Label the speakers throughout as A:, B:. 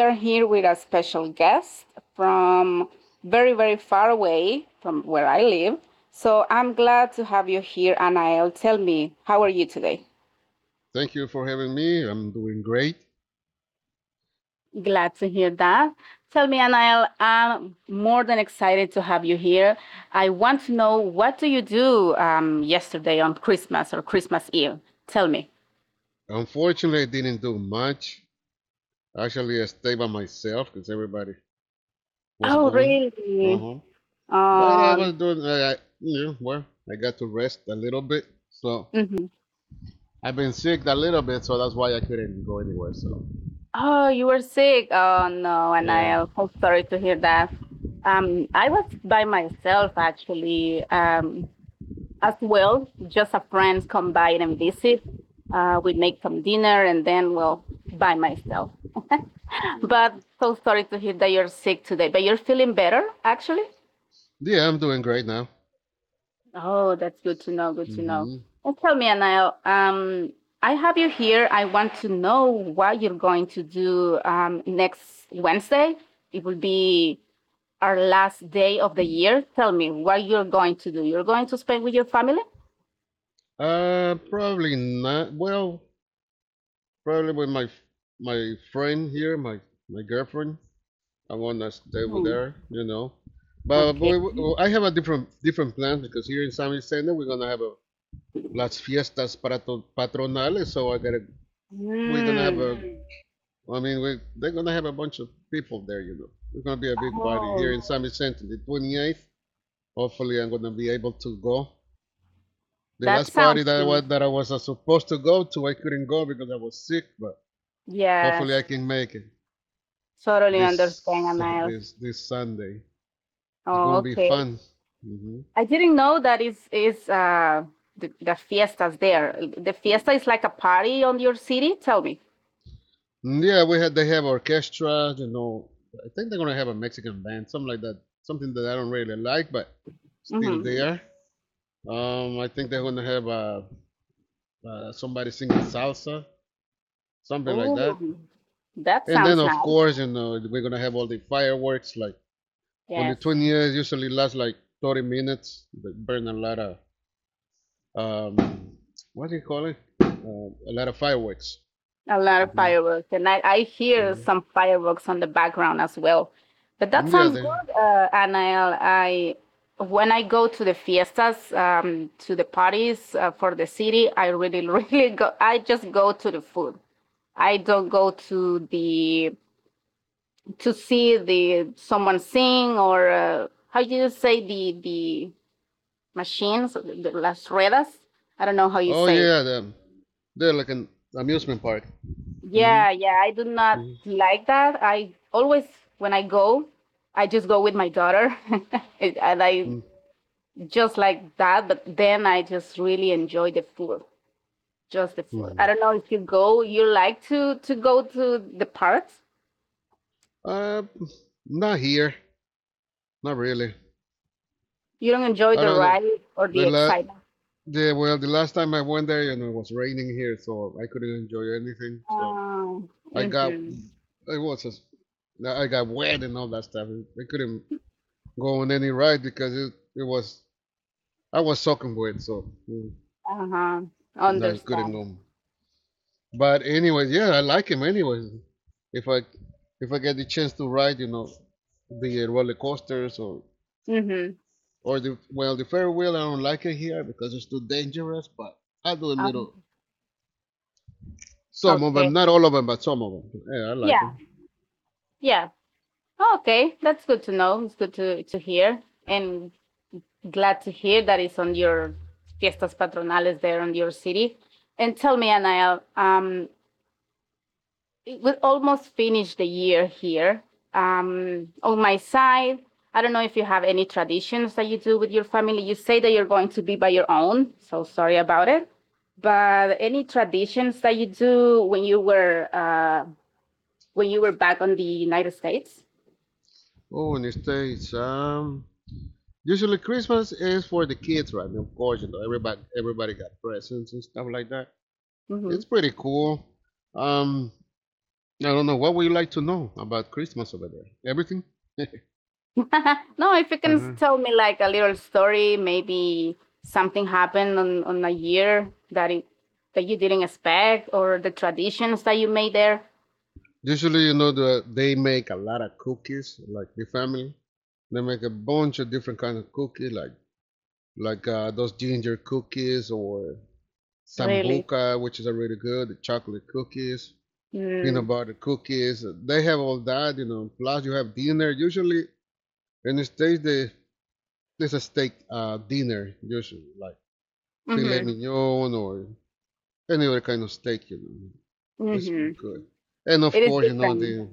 A: are here with a special guest from very, very far away from where I live. So I'm glad to have you here, Anael. Tell me, how are you today?
B: Thank you for having me. I'm doing great.
A: Glad to hear that. Tell me, Anael, I'm more than excited to have you here. I want to know what do you do yesterday on Christmas or Christmas Eve? Tell me.
B: Unfortunately, I didn't do much. Actually, I stayed by myself because everybody was
A: Oh,
B: gone from
A: really?
B: home. But I
A: Um,
B: was doing, you know, well, I got to rest a little bit. So
A: mhm.
B: I've been sick a little bit, so that's why I couldn't go anywhere. So
A: Oh, you were sick. Oh no, and
B: yeah.
A: I'm so sorry to hear that. I was by myself actually, as well. Just a friend come by and visit. We make some dinner and then well by myself.
B: Mm,
A: But so sorry to hear that you're sick today. But you're feeling better actually.
B: yeah, I'm doing great now.
A: Oh, that's good to know. Good to know.
B: hmm
A: And tell me, Anil, I have you here. I want to know what you're going to do next Wednesday. It will be our last day of the year. Tell me what you're going to do. You're going to spend with your family?
B: Probably not. Well, probably with my friend here, my girlfriend. I want to stay with
A: Hmm.
B: her, But
A: Okay.
B: I have a different plan, because here in San Vicente we're gonna have a las fiestas patronales, so I gotta we're gonna have a
A: Hmm.
B: I mean we they're gonna have a bunch of people there, you know. It's gonna be a big party here
A: Oh,
B: in San Vicente, the 28th. Hopefully, I'm gonna be able to go. The
A: that
B: last party
A: sounds
B: that
A: good.
B: I was supposed to go to, I couldn't go because I was sick, but hopefully I
A: Yes,
B: can make it
A: totally understand,
B: this
A: Anael.
B: this Sunday. It's
A: Oh,
B: gonna be
A: okay.
B: fun. hmm
A: I didn't know that is the fiestas there. The fiesta is like a party on your city. Tell me.
B: Yeah, we had they have orchestra, you know. I think they're gonna have a Mexican band, something like that. Something that I don't really like, but still
A: Mm-hmm.
B: there. I think they're gonna have somebody singing salsa, something like that.
A: Oh, that
B: And then
A: sounds
B: of
A: nice.
B: course, you know, we're gonna have all the fireworks. Like on the
A: Yes.
B: 20th, usually lasts like 30 minutes. They burn a lot of um, what do you call it? A lot of fireworks.
A: A lot of
B: hmm
A: fireworks, and I hear
B: hmm
A: some fireworks on the background as well. But that
B: Yeah,
A: sounds
B: they
A: good, Anael. I when I go to the fiestas, to the parties for the city, I really, really go. I just go to the food. I don't go to the to see the someone sing or how do you say the machines, las ruedas. I don't know how you
B: oh
A: say it.
B: yeah, they're like an amusement park. hmm
A: Yeah, yeah, I do not like that. I always, when I go, I just go with my daughter. And I like, just like that, but then I just really enjoy the food, just the food.
B: Hmm.
A: I don't know if you go, you like to go to the parks.
B: Uh, Not here, not really.
A: You don't enjoy
B: I
A: the
B: don't know.
A: ride or
B: The
A: the
B: la
A: excitement.
B: the well, the last time I went there, you know, it was raining here, so I couldn't enjoy anything. So
A: Oh,
B: I got
A: mm-hmm.
B: it was just I got wet and all that stuff. I couldn't go on any ride because it was I was soaking wet, so
A: Uh-huh.
B: I couldn't
A: Understand.
B: go. But anyways, yeah, I like him anyways. If I if I get the chance to ride, you know, the roller coasters, or
A: Mm-hmm.
B: or the well the Ferris wheel, I don't like it here because it's too dangerous. But I do a
A: Um,
B: little, some of them, not
A: okay.
B: all of them, but some of them. Yeah, I like
A: Yeah,
B: them.
A: yeah. Okay, that's good to know. It's good to hear. And glad to hear that it's on your fiestas patronales there on your city. And tell me, Anaya, we almost finished the year here. On my side, I don't know if you have any traditions that you do with your family. You say that you're going to be by your own, so sorry about it. But any traditions that you do when you were back on the United States?
B: Oh, in the States, usually Christmas is for the kids, right? Of course, you know, everybody got presents and stuff like that. It's
A: Hmm.
B: pretty cool. Um, I don't know what would you like to know about Christmas over there. Everything.
A: No, if you can
B: Uh-huh.
A: tell me like a little story, maybe something happened on a year that that you didn't expect, or the traditions that you made there.
B: Usually, you know, they make a lot of cookies, like the family. They make a bunch of different kind of cookies, like those ginger cookies or
A: Really.
B: sambuca, which is really good, the chocolate cookies,
A: Mm.
B: peanut butter cookies. They have all that, you know. Plus, you have dinner. Usually, in the States, there's a steak dinner, usually, like filet
A: Mm-hmm.
B: mignon or any other kind of steak, you know. It's
A: Mm-hmm.
B: good. And of
A: It is
B: course, you know,
A: different,
B: the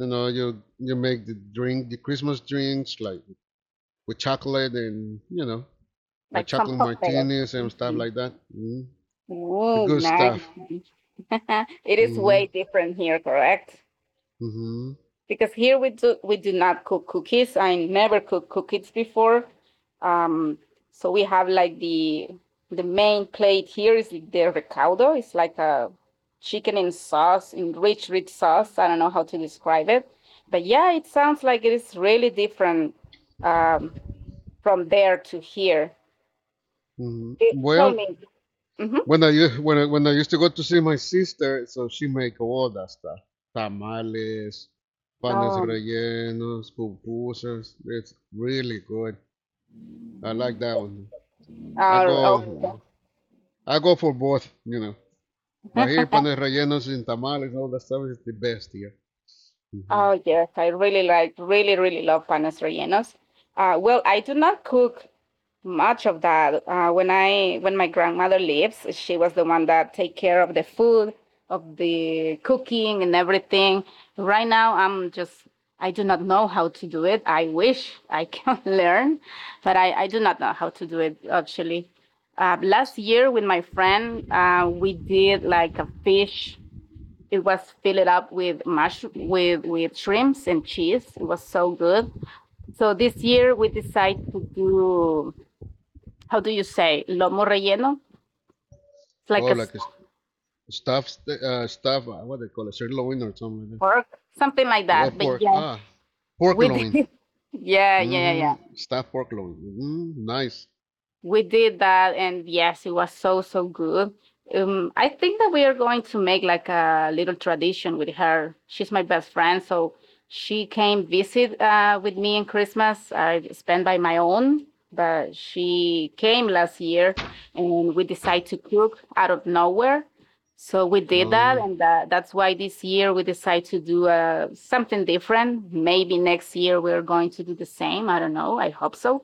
B: You know, you make the drink, the Christmas drinks, like with chocolate and you know, like
A: like some
B: chocolate
A: cocktails.
B: martinis and stuff
A: Mhm.
B: like that. Mm, the
A: Oh,
B: good
A: nice.
B: stuff.
A: It is
B: mm
A: way
B: hmm
A: different here, correct?
B: hmm
A: Because here we do not cook cookies. I never cooked cookies before. Um, so we have like the main plate here is the recaudo. It's like a chicken in sauce, in rich, rich sauce. I don't know how to describe it, but yeah, it sounds like it is really different um, from there to here. Eh, tell
B: Well,
A: me. Mm-hmm.
B: when I u- when I used to go to see my sister, so she make all that stuff: tamales, panes
A: Um,
B: rellenos, pupusas. It's really good. I like that one. I
A: uh,
B: go I go for both, you know. But here,
A: okay.
B: panes rellenos and tamales, all that stuff is the best here. Mm-hmm.
A: Oh, yes, I really like, really, really love panes rellenos. Well, I do not cook much of that. When my grandmother lives, she was the one that take care of the food, of the cooking and everything. Right now, I'm just, I do not know how to do it. I wish I can learn, but I do not know how to do it actually. Last year with my friend, we did like a fish it was filled up with mash with shrimps and cheese. It was so good. So this year we decided to do how do you say lomo relleno? It's like
B: Oh,
A: a
B: like a stuffed, what do they call it, sirloin or something like
A: pork, something like
B: that. Oh,
A: that. But
B: pork,
A: yeah,
B: ah, pork
A: we
B: loin.
A: did. Yeah,
B: Mm
A: yeah,
B: hmm
A: yeah.
B: Stuffed pork loin. Nice.
A: We did that and yes it was so so good I think that we are going to make like a little tradition with her she's my best friend so she came visit with me in Christmas I spent by my own but she came last year and we decided to cook out of nowhere so we did that
B: Um,
A: and that's why this year we decided to do something different maybe next year we're going to do the same I don't know I hope so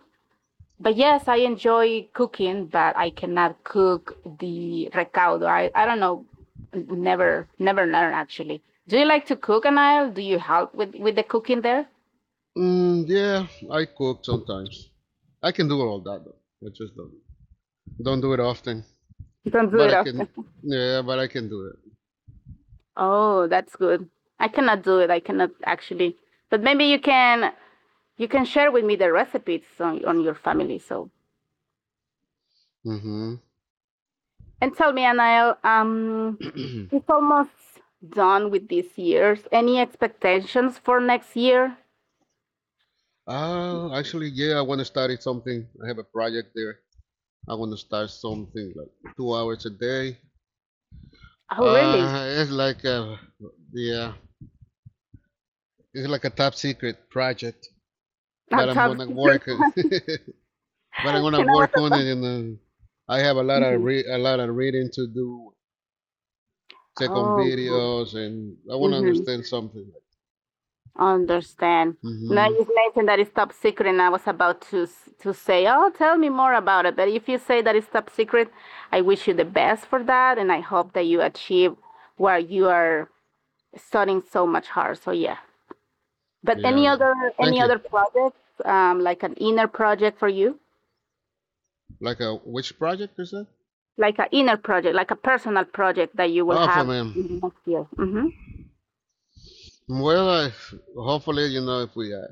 A: but yes, I enjoy cooking, but I cannot cook the recaudo. I don't know, never never learn actually. Do you like to cook, Anael? Do you help with the cooking there?
B: yeah, I cook sometimes. I can do all that though. I just don't do it often,
A: Don't do
B: but
A: it
B: I
A: often.
B: can. Yeah, but I can do it.
A: Oh, that's good. I cannot do it. I cannot actually. But maybe you can share with me the recipes on your family. So
B: mm
A: and tell me, Anael,
B: hmm
A: it's almost done with this year's. Any expectations for next year?
B: Actually, yeah, I want to study something. I have a project there. I want to start something like 2 hours a day.
A: Oh, really?
B: Uh, it's like a yeah, it's like a top secret project, but
A: Not
B: I'm
A: tough.
B: gonna work. But I'm
A: And
B: gonna work
A: Pinabasa
B: on
A: pa.
B: it, and I have a lot of
A: Mhm.
B: a lot of reading to do, check on
A: Oh,
B: videos, and I want to
A: mm-hmm.
B: understand something.
A: Understand. Now
B: Mm-hmm.
A: you've mentioned that it's top secret, and I was about to say, "Oh, tell me more about it." But if you say that it's top secret, I wish you the best for that, and I hope that you achieve where you are studying so much hard. So yeah. But
B: Yeah.
A: any
B: Thank you.
A: other projects, like an inner project for you,
B: Like a which project is that?
A: like an inner project, like a personal project that you will
B: Oh, for
A: have in
B: man.
A: the next year. Mm-hmm.
B: Well, I, hopefully you know if we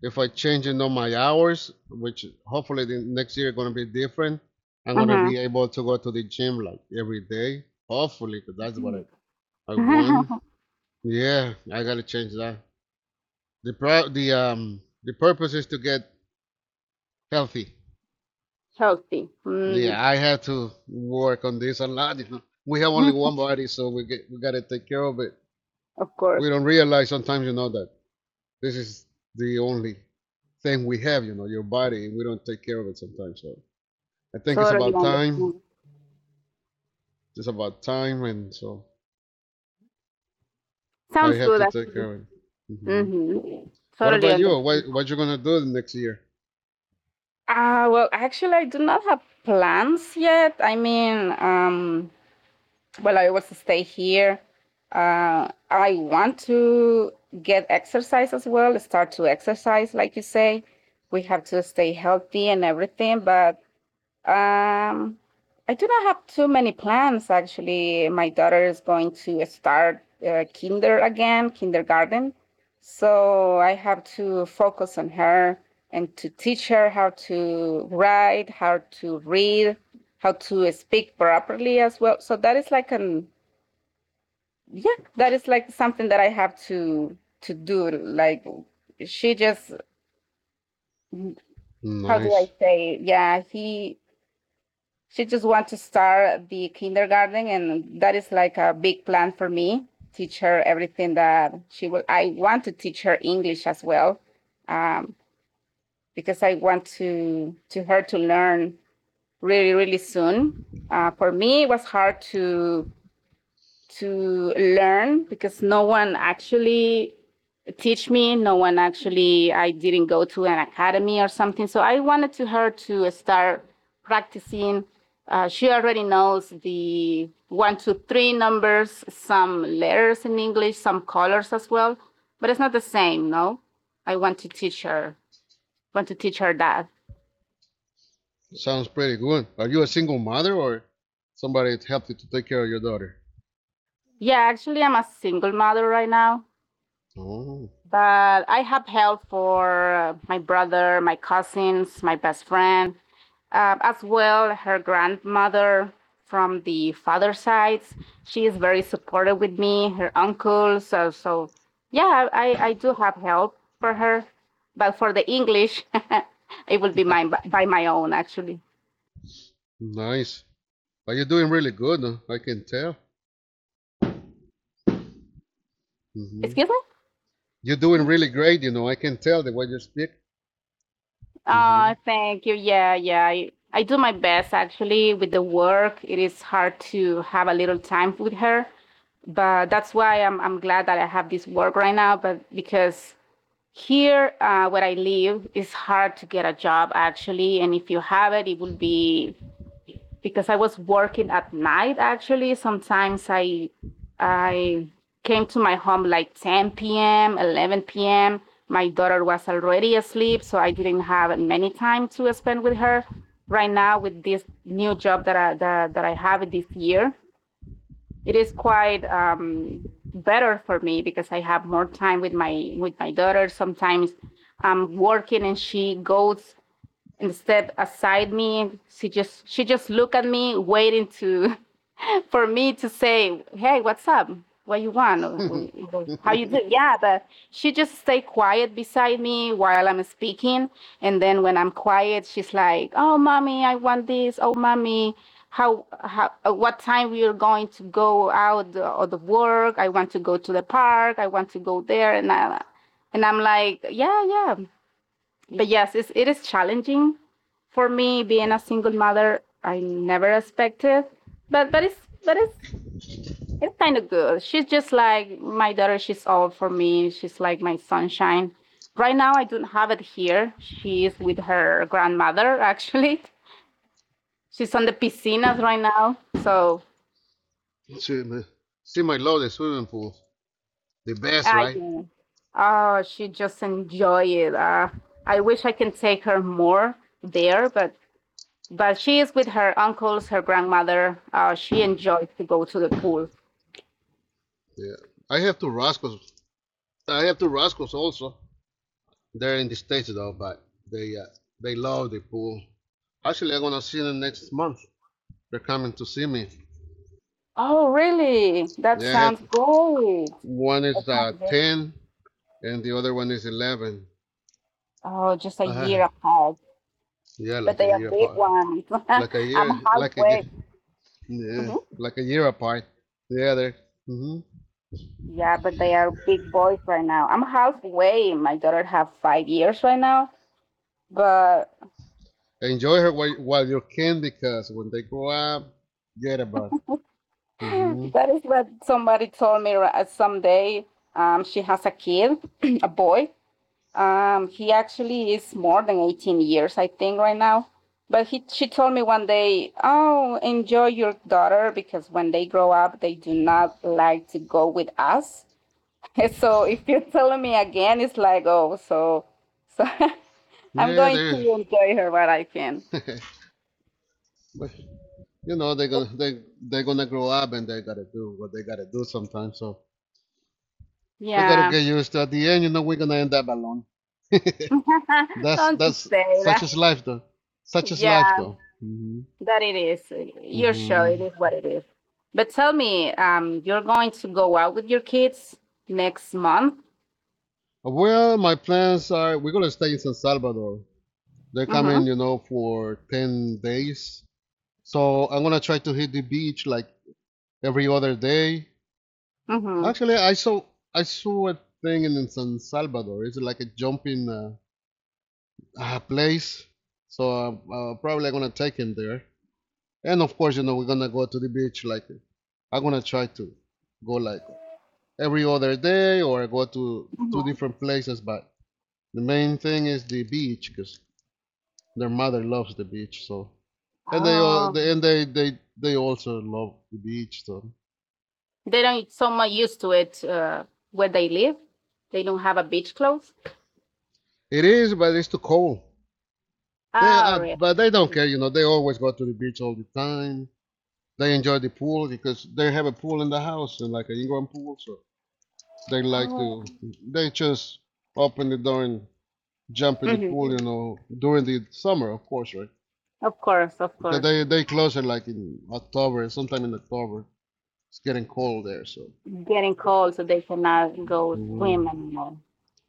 B: if I change changing on my hours, which hopefully the next year gonna be different, I'm gonna be able to go to the gym like every day. Hopefully, 'cause that's what I want.
A: Mm-hmm.
B: Yeah, I gotta change that. The pro the purpose is to get healthy.
A: Healthy. Mm.
B: Yeah, I had to work on this a lot. You know, we have only one body, so we gotta take care of it.
A: Of course.
B: We don't realize sometimes, you know, that this is the only thing we have. You know, your body. And We don't take care of it sometimes. So I think it's
A: Totally
B: about time.
A: understand.
B: It's about time, and so I
A: Sounds
B: have
A: good,
B: to take
A: actually.
B: care of it. Mhm.
A: Mm-hmm.
B: What
A: Totally
B: about you?
A: understand.
B: What you gonna do next year?
A: Well, actually, I do not have plans yet. Well, I will stay here. I want to get exercise as well, start to exercise, like you say. We have to stay healthy and everything, but Um, I do not have too many plans actually. My daughter is going to start kinder again, kindergarten. So I have to focus on her and to teach her how to write, how to read, how to speak properly as well. So that is like an yeah, that is like something that I have to do. Like she just how do I
B: Nice.
A: say? Yeah, he She just wants to start the kindergarten, and that is like a big plan for me. Teach her everything that she will. I want to teach her English as well, um, because I want to her to learn really really soon. For me, it was hard to learn because no one actually teach me. No one actually, I didn't go to an academy or something. So I wanted to her to start practicing. She already knows the one, two, three numbers, some letters in English, some colors as well, but it's not the same, no? I want to teach her, want to teach her that.
B: Sounds pretty good. Are you a single mother or somebody that helped you to take care of your daughter?
A: Yeah, actually, I'm a single mother right now,
B: Oh,
A: but I have help for my brother, my cousins, my best friend, as well, her grandmother from the father side. She is very supportive with me, her uncles. So, so yeah, I do have help for her. But for the English, it will be mine by my own, actually.
B: nice. Are you doing really good, huh? I can tell. hmm
A: Excuse me?
B: You're doing really great. You know, I can tell the way you speak. hmm
A: Thank you. Yeah, yeah. I do my best, actually, with the work. It is hard to have a little time with her but that's why I'm glad that I have this work right now. But because here, where I live, it's hard to get a job actually. And if you have it, it will be because I was working at night actually. Sometimes I came to my home like 10 p.m., 11 p.m. My daughter was already asleep, so I didn't have many time to spend with her. Right now, with this new job that that I have this year, it is quite better for me because I have more time with my daughter. Sometimes I'm working and she goes instead aside me. She just looked at me, waiting to for me to say, "Hey, what's up? What you want? Or, How you do?" Yeah, but she just stay quiet beside me while I'm speaking, and then when I'm quiet, she's like, "Oh, mommy, I want this. Oh, mommy." How what time we are going to go out of the work I want to go to the park I want to go there and I'm like yeah yeah but yes, it is challenging for me being a single mother. I never expected, but but it's kind of good. She's just like my daughter. She's all for me. She's like my sunshine. Right now, I don't have it here. She is with her grandmother. Actually, she's on the piscinas right now. So
B: see, See my love, the swimming pool, the best, right?
A: yeah, oh she just enjoy it. I wish I can take her more there, but she is with her uncles, her grandmother. She enjoys to go to the pool.
B: Yeah. I have two rascals I have two Rascals also. They're in the States though, but they uh, they love the pool. Actually, I'm gonna see them next month. They're coming to see me.
A: Oh, really? That
B: Yeah, I had
A: sounds great.
B: one
A: I
B: is
A: can't get-
B: 10 and the other one is 11.
A: Oh, just a
B: Uh,
A: year apart,
B: yeah,
A: but
B: like a
A: they are
B: year
A: big
B: apart.
A: ones.
B: Like a year,
A: I'm
B: like a
A: halfway.
B: ye- Yeah,
A: Mhm.
B: like a year apart. Yeah, they hmm
A: Yeah, but they are big boys right now. I'm halfway. My daughter have 5 years right now, but
B: enjoy her while you can, because when they grow up, get about.
A: yeah,
B: hmm
A: that is what somebody told me someday. She has a kid, a boy. He actually is more than 18 years, I think, right now. But she told me one day, "Oh, enjoy your daughter because when they grow up, they do not like to go with us." So if you're telling me again, it's like, oh, so I'm
B: Yeah,
A: going to
B: they're.
A: enjoy her while I can.
B: But you know they're gonna they're gonna grow up and they gotta do what they gotta do sometimes. So they gotta
A: Yeah,
B: get used to. At the end, you know, we're gonna end up alone. That's
A: don't just
B: that's
A: say
B: such
A: that.
B: as life, though. Such as life,
A: Yeah,
B: though.
A: that it is. You're sure it
B: Hmm
A: is what it is. But tell me, you're going to go out with your kids next month?
B: Well, my plans are we're gonna stay in San Salvador. They're coming,
A: Mhm.
B: you know, for 10 days. So I'm gonna try to hit the beach like every other day.
A: Mhm.
B: Actually, I saw a thing in San Salvador. It's like a jumping place. So probably I'm gonna take him there. And of course, you know, we're gonna go to the beach. Like I'm gonna try to go like every other day or go to two
A: Mhm.
B: different places. But the main thing is the beach because their mother loves the beach.
A: Oh,
B: And they they also love the beach. So
A: they don't get so much used to it where they live. They don't have a beach clothes.
B: it is, but it's too cold. They
A: Ah, really?
B: but they don't care. You know, they always go to the beach all the time. They enjoy the pool because they have a pool in the house, and like an Ingram pool. So they like
A: Oh.
B: to they just open the door and jump in the
A: Hmm.
B: pool, you know, during the summer of course, right?
A: Of course, of
B: Because
A: course.
B: they close it like in October, sometime in October. It's getting cold there, so
A: Getting cold, so they cannot go swim
B: Mhm.
A: anymore.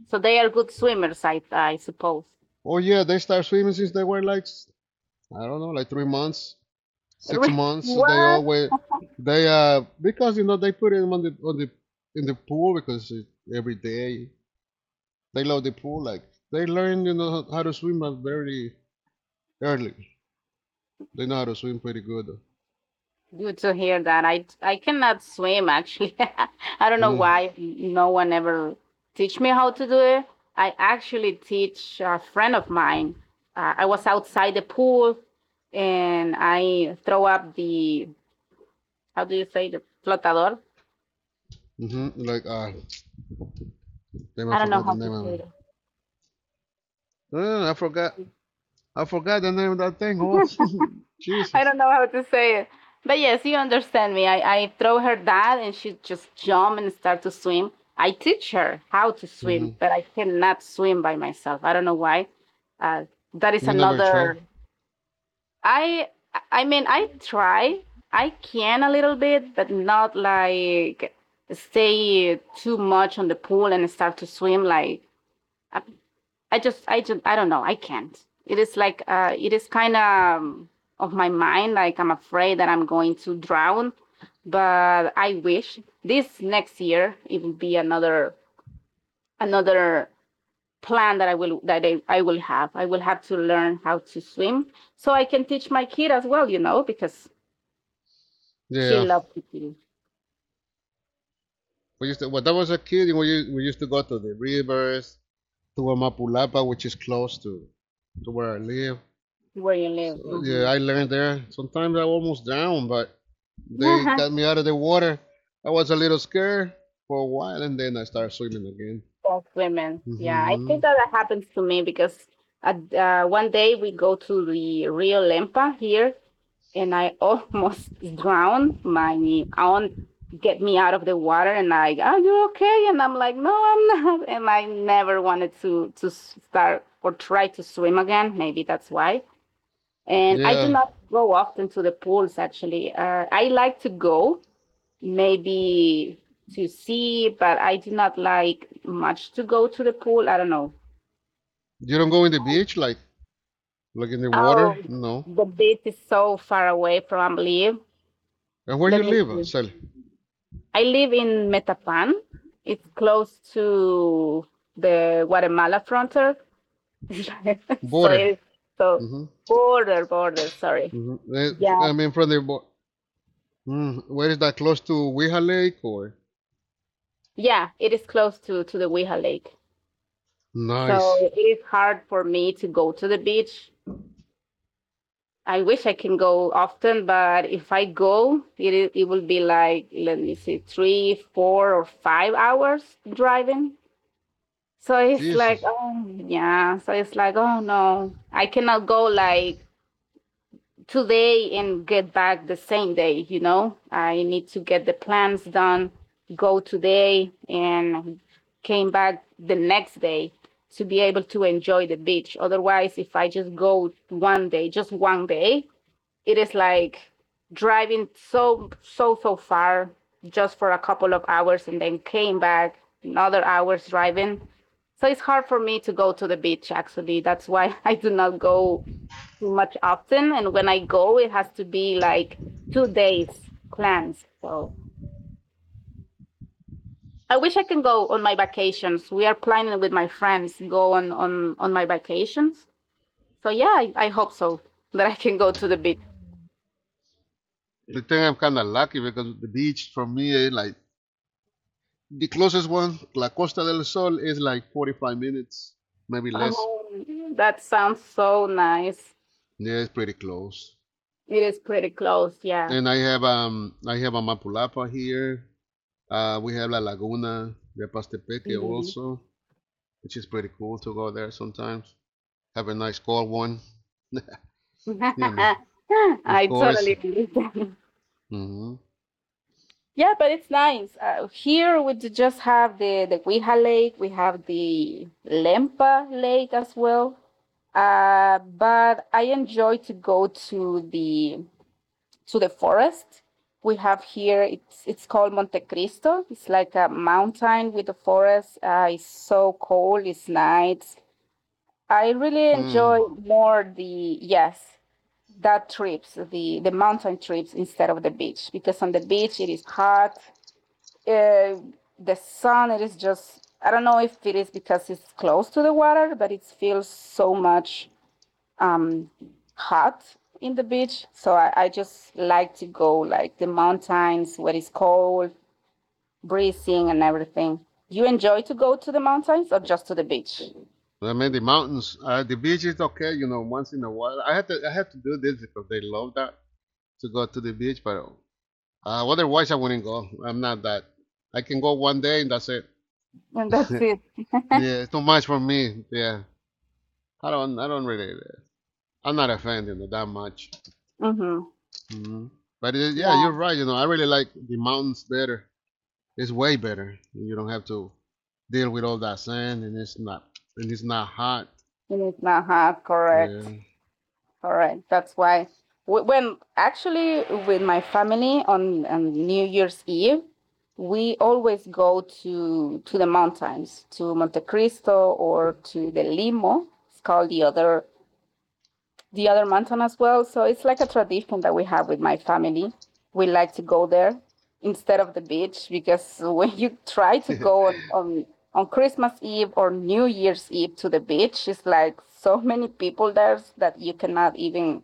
A: So they are good swimmers, I suppose.
B: Oh yeah, they start swimming since they were like I don't know, like 3 months, six months they
A: What?
B: always they because you know they put them on the in the pool because it, every day, they love the pool, like they learn you know how to swim at very early. They know how to swim pretty good.
A: Good to hear that. I cannot swim actually. I don't know
B: Mm.
A: why no one ever teach me how to do it. I actually teach a friend of mine. I was outside the pool and I throw up the how do you say the flotador?
B: Like damn, I
A: I don't know
B: forgot the
A: how to
B: name of
A: say
B: it.
A: it.
B: No, no, no, I forgot. I forgot the name of that thing. Oh,
A: I
B: Jesus.
A: don't know how to say it. But yes, you understand me. I throw her that and she just jump and start to swim. I teach her how to swim,
B: hmm
A: but I cannot swim by myself. I don't know why. Uh, that is
B: You never try?
A: another. I I mean, I try. I can a little bit, but not like stay too much on the pool and start to swim. I I don't know. I can't. It is like, it is kind of my mind. Like I'm afraid that I'm going to drown. But I wish this next year it will be another another plan that I will have. I will have to learn how to swim so I can teach my kid as well. You know, because
B: Yeah,
A: she
B: yeah.
A: loves to swim
B: We used to. When I was a kid, we used to go to the rivers to Amapulapa, which is close to where I live.
A: where you live.
B: So yeah,
A: Hmm.
B: I learned there. Sometimes I almost drowned, but they got me out of the water. I was a little scared for a while, and then I started swimming again.
A: Of women. Yeah, I
B: hmm
A: think that happens to me because at, one day we go to the Rio Lempa here, and I almost drown. My aunt get me out of the water, and like, "Are you okay?" And I'm like, "No, I'm not." And I never wanted to start or try to swim again. Maybe that's why. And I do
B: Yeah.
A: not go often to the pools. Actually, I like to go maybe to see, but I do not like much to go to the pool. I don't know.
B: You don't go in the beach, like in the
A: Oh,
B: water? No.
A: the beach is so far away from Ambliev.
B: And where you
A: Let me
B: live,
A: see.
B: Sally?
A: I live in Metapan. It's close to the Guatemala frontier, so
B: Border.
A: it's so
B: hmm
A: border. Sorry.
B: hmm
A: Yeah,
B: I mean, from the where is that close to Weha Lake or?
A: yeah. It is close to the Weha Lake, so
B: Nice.
A: it is hard for me to go to the beach. I wish I can go often, but if I go, it it will be like let me see, three, 4 or 5 hours driving. So it's like,
B: Jesus.
A: oh yeah. So it's like, oh no, I cannot go like today and get back the same day. You know, I need to get the plans done, go today, and came back the next day to be able to enjoy the beach. Otherwise, if I just go one day, just one day, it is like driving so far just for a couple of hours and then came back another hours driving, so it's hard for me to go to the beach actually. That's why I do not go too much often, and when I go it has to be like 2 days plans. So I wish I can go on my vacations. We are planning with my friends to go on my vacations. So yeah, I hope so that I can go to the beach.
B: I think I'm kind of lucky because the beach from me, like the closest one, La Costa del Sol, is like 45 minutes, maybe less.
A: Oh, that sounds so nice.
B: Yeah, it's pretty close.
A: It is pretty close, yeah.
B: And I have a Mapulapa here. We have La Laguna, Repastepeque
A: Mhm.
B: also. Which is pretty cool to go there sometimes. Have a nice cold one, you know, of
A: I
B: course.
A: totally believe that.
B: Hmm
A: Yeah, but it's nice. Here we just have the Guija Lake. We have the Lempa Lake as well. But I enjoy to go to the forest. We have here. It's called Monte Cristo. It's like a mountain with a forest. It's so cold. It's nice. I really
B: Hmm.
A: enjoy more the yes that trips the mountain trips instead of the beach, because on the beach it is hot. uh, the sun it is just I don't know if it is because it's close to the water, but it feels so much um hot in the beach. So I just like to go like the mountains where it's cold breezing and everything. You enjoy to go to the mountains or just to the beach
B: I mean, the mountains, the beach is okay, you know, once in a while. I have to do this because they love that to go to the beach, but otherwise I wouldn't go. I'm not that. I can go one day and that's it.
A: and that's it?
B: Yeah, it's too much for me. Yeah, I don't really, I'm not a fan, that much.
A: Mm-hmm.
B: Hmm. But it, yeah,
A: Yeah,
B: you're right. You know, I really like the mountains better. It's way better. You don't have to deal with all that sand, and it's not hot.
A: it is not hot, correct.
B: Yeah.
A: All right, that's why. When actually with my family on New Year's Eve, we always go to the mountains, to Monte Cristo or to the Limo. It's called the other mountain as well. So it's like a tradition that we have with my family. We like to go there instead of the beach, because when you try to go on Christmas Eve or New Year's Eve to the beach, it's like so many people there that you cannot even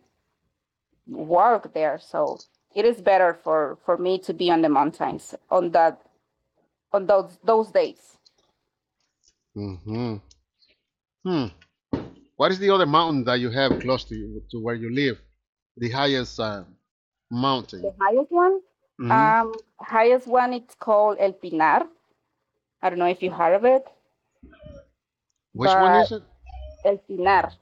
A: work there. So it is better for me to be on the mountains on that on those days.
B: hmm Hmm. What is the other mountain that you have close to you, to where you live? The highest mountain.
A: The
B: Hmm
A: highest one, it's called El Pinar. I don't know if you heard of it,
B: Which one
A: but
B: is it?
A: El Pinar,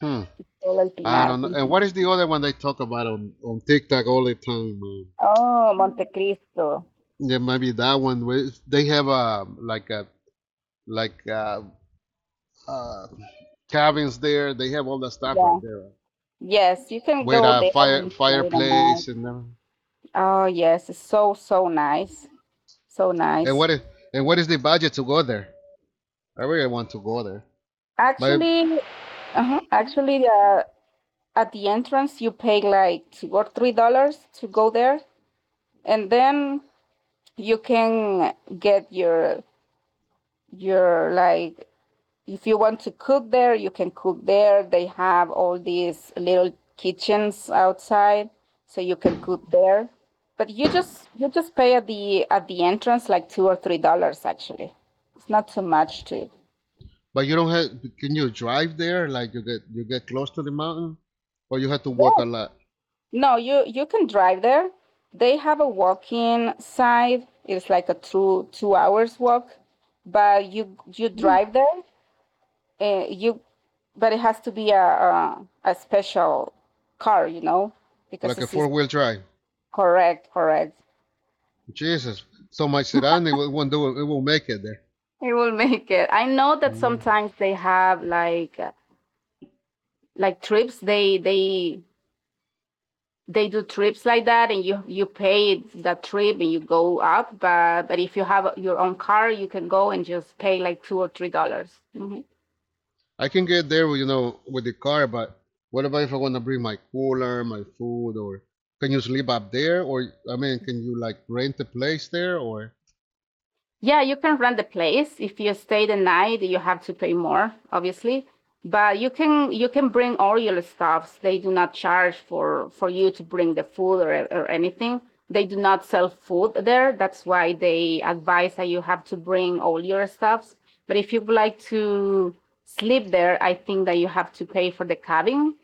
B: Hmm.
A: El
B: I
A: Pinar.
B: don't know. And what
A: Mhm.
B: is the other one they talk about on TikTok all the time? Man?
A: Oh, Monte Cristo.
B: Yeah, maybe that one. Where They have a like a like a uh, cabins there. They have all that stuff
A: Yeah.
B: right there,
A: Yes, you can
B: with
A: go
B: a
A: there and stay the night.
B: fireplace and everything.
A: Oh yes, it's so so nice, so
B: and
A: nice.
B: what is and what is the budget to go there? I really want to go there, but
A: Actually, actually, at the entrance you pay like $2 or $3 to go there, and then you can get your like if you want to cook there you can cook there. They have all these little kitchens outside, so you can cook there. But you just pay at the entrance like $2 or $3. Actually it's not too much to
B: but you don't have. Can you drive there? Like you get close to the mountain, or you have to walk
A: yeah.
B: a lot,
A: No, you can drive there. They have a walking side. It's like a two hours walk, but you
B: mm.
A: drive there. Uh, you, but it has to be a, a special car, you know, because
B: like a
A: this
B: four
A: is
B: wheel drive.
A: correct, correct.
B: Jesus, so my sedan it won't do it. It won't make it there.
A: It will make it. I know that
B: Mm.
A: sometimes they have like trips. They they do trips like that and you pay that trip and you go up. But if you have your own car you can go and just pay like $2 or $3. Mhm.
B: I can get there, you know, with the car, but what about if I want to bring my cooler, my food, or can you sleep up there? Or I mean, can you like rent a place there, or.
A: Yeah, you can rent the place. If you stay the night, you have to pay more, obviously. But you can bring all your stuffs. They do not charge for you to bring the food or anything. They do not sell food there. That's why they advise that you have to bring all your stuffs. But if you would like to sleep there, I think that you have to pay for the cabin.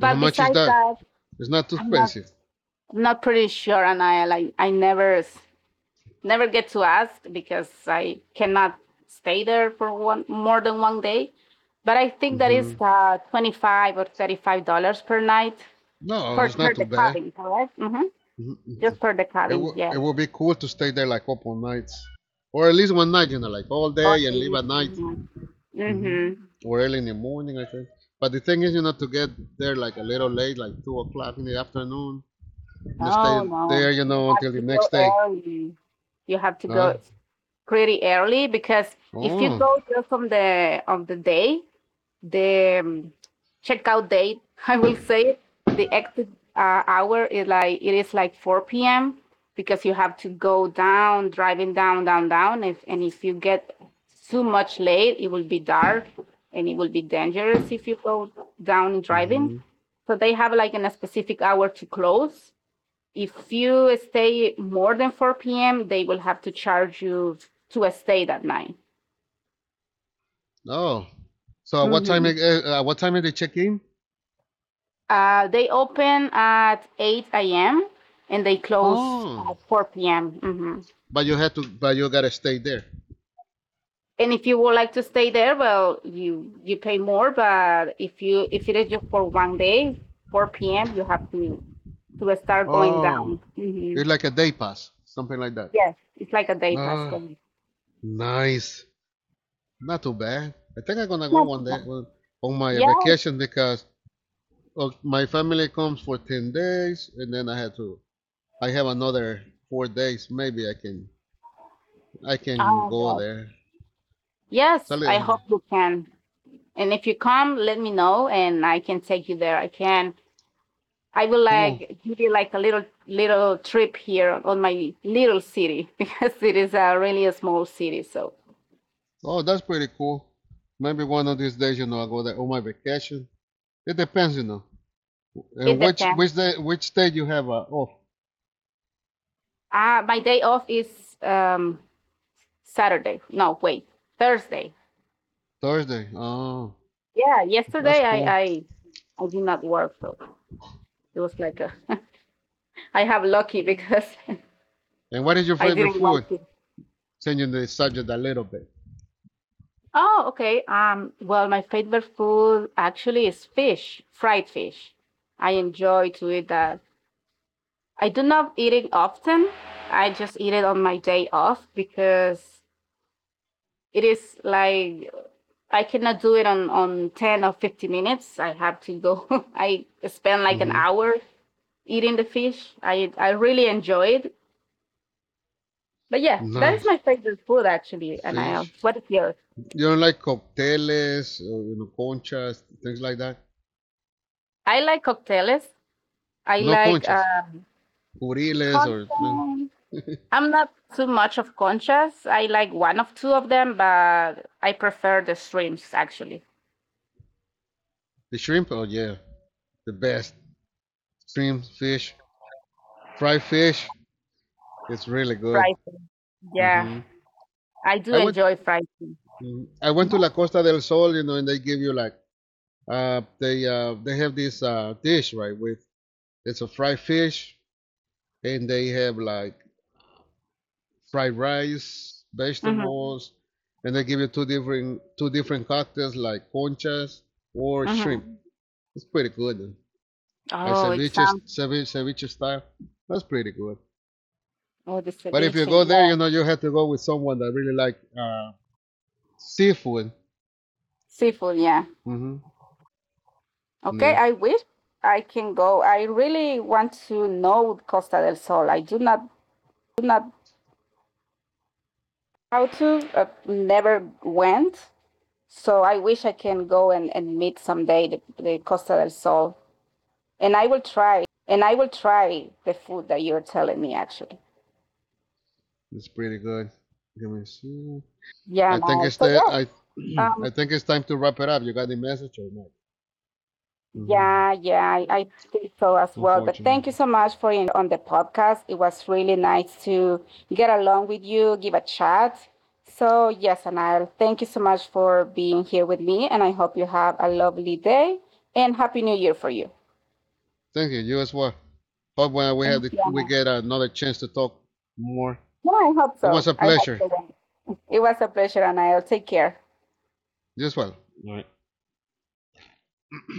B: And how much is
A: besides
B: that?
A: that,
B: It's not too
A: I'm not
B: expensive.
A: I'm not pretty sure, and I like I never never get to ask because I cannot stay there for one more than one day. But I think that is
B: Hmm
A: $25 or $35 per night
B: No, it's
A: per
B: not too
A: the
B: bad.
A: cabin, correct? Mm-hmm. Just
B: Mhm.
A: per the cabin, yeah.
B: It would be cool to stay there like a couple nights. Or at least one night, you know, like all
A: Oh.
B: day and leave at night. Hmm
A: Mm-hmm.
B: Or early in the morning, I think. But the thing is, you know, to get there like a little late, like 2 o'clock in the afternoon, and stay
A: No, no,
B: there, you
A: you
B: know,
A: have
B: until the
A: to go
B: next day.
A: early. You have to
B: Huh?
A: go pretty early, because if you
B: Oh.
A: go just on the day, the checkout date, I will say, the exit hour is like it is like 4 p.m., because you have to go down, driving down, down, down. If and if you get too much late, it will be dark and it will be dangerous if you go down driving.
B: hmm
A: So they have like in a specific hour to close. If you stay more than 4 p.m., they will have to charge you to stay that night.
B: Oh. So at
A: Mhm.
B: what time did they check in?
A: They open at 8 a.m. and they close
B: Oh.
A: at 4 p.m. Hmm.
B: But you gotta stay there.
A: And if you would like to stay there, well, you pay more. But if you if it is just for one day, 4 p.m. you have to start going
B: Oh,
A: down. Hmm.
B: it's like a day pass, something like that.
A: Yes, it's like a day pass
B: Ah,
A: going.
B: nice. Not too bad. I think I'm gonna go
A: No
B: one day
A: problem.
B: on my
A: Yes.
B: vacation because well, my family comes for 10 days, and then I had to. I have another 4 days. Maybe I can
A: Oh,
B: go
A: yes.
B: there.
A: Yes, I
B: Sally,
A: hope you can. And if you come, let me know, and I can take you there. I will
B: cool.
A: like give you like a little trip here on my little city because it is a really a small city. So
B: Oh, that's pretty cool. Maybe one of these days, you know, I go there on my vacation. It depends, you know. And
A: it depends.
B: which day you have off?
A: My day off is um, Saturday. No, wait, Thursday.
B: Thursday. Oh,
A: Yeah,
B: that's
A: yesterday
B: cool.
A: I did not work, so it was like a, I have lucky because
B: And what is your
A: I
B: favorite
A: didn't
B: food?
A: want to.
B: Changing the subject a little bit.
A: Oh, okay. Well, my favorite food actually is fish, fried fish. I enjoy to eat that. I do not eat it often. I just eat it on my day off because it is like I cannot do it on 10 or 50 minutes. I have to go. I spend like an
B: Mm-hmm.
A: hour eating the fish. I really enjoy it. But yeah, that is
B: Nice.
A: my favorite food actually. And I,
B: Fish.
A: what is yours?
B: You don't like cocteles, or, you know, conchas, things like that?
A: I like cocktails. I
B: No
A: like
B: conchas. Curiles or no.
A: conchas. I'm not too much of conchas. I like one of two of them, but I prefer the shrimps actually.
B: The shrimp? Oh, yeah. The best. Shrimp, fish. Fried fish. It's really good.
A: Fried yeah,
B: Hmm
A: I do
B: I went
A: enjoy fighting.
B: Mm, I went to La Costa del Sol, you know, and they give you like they have this dish right with it's a fried fish and they have like fried rice,
A: Mm-hmm,
B: vegetables, and they give you two different cocktails like conchas or
A: mm-hmm.
B: shrimp. It's pretty good. Like
A: Oh, it sounds
B: ceviche style. That's pretty good.
A: oh the
B: But if you
A: ceviche,
B: go there,
A: yeah,
B: you know you have to go with someone that really like seafood.
A: seafood, yeah.
B: Hmm
A: Okay,
B: Yeah,
A: I wish I can go. I really want to know Costa del Sol. I do not how to, never went, so I wish I can go and meet someday the Costa del Sol, and I will try the food that you're telling me actually.
B: it's pretty good. Let me see.
A: Yeah,
B: I think
A: no.
B: it's
A: So
B: the, I
A: yeah, um,
B: I think it's time to wrap it up. You got the message or not? Hmm
A: yeah, yeah, I think so as well. But
B: Unfortunately.
A: thank you so much for enjoying me here on the podcast. It was really nice to get along with you, give a chat. So, yes, Anil, thank you so much for being here with me. And I hope you have a lovely day and Happy New Year for you.
B: Thank you. You as well. Hope when we have
A: Thank
B: the,
A: you,
B: we
A: Anil.
B: get another chance to talk more.
A: No, I hope
B: It was
A: so.
B: a
A: I hope
B: pleasure.
A: so. It was a pleasure, Anil. Take care.
B: You as well. All right.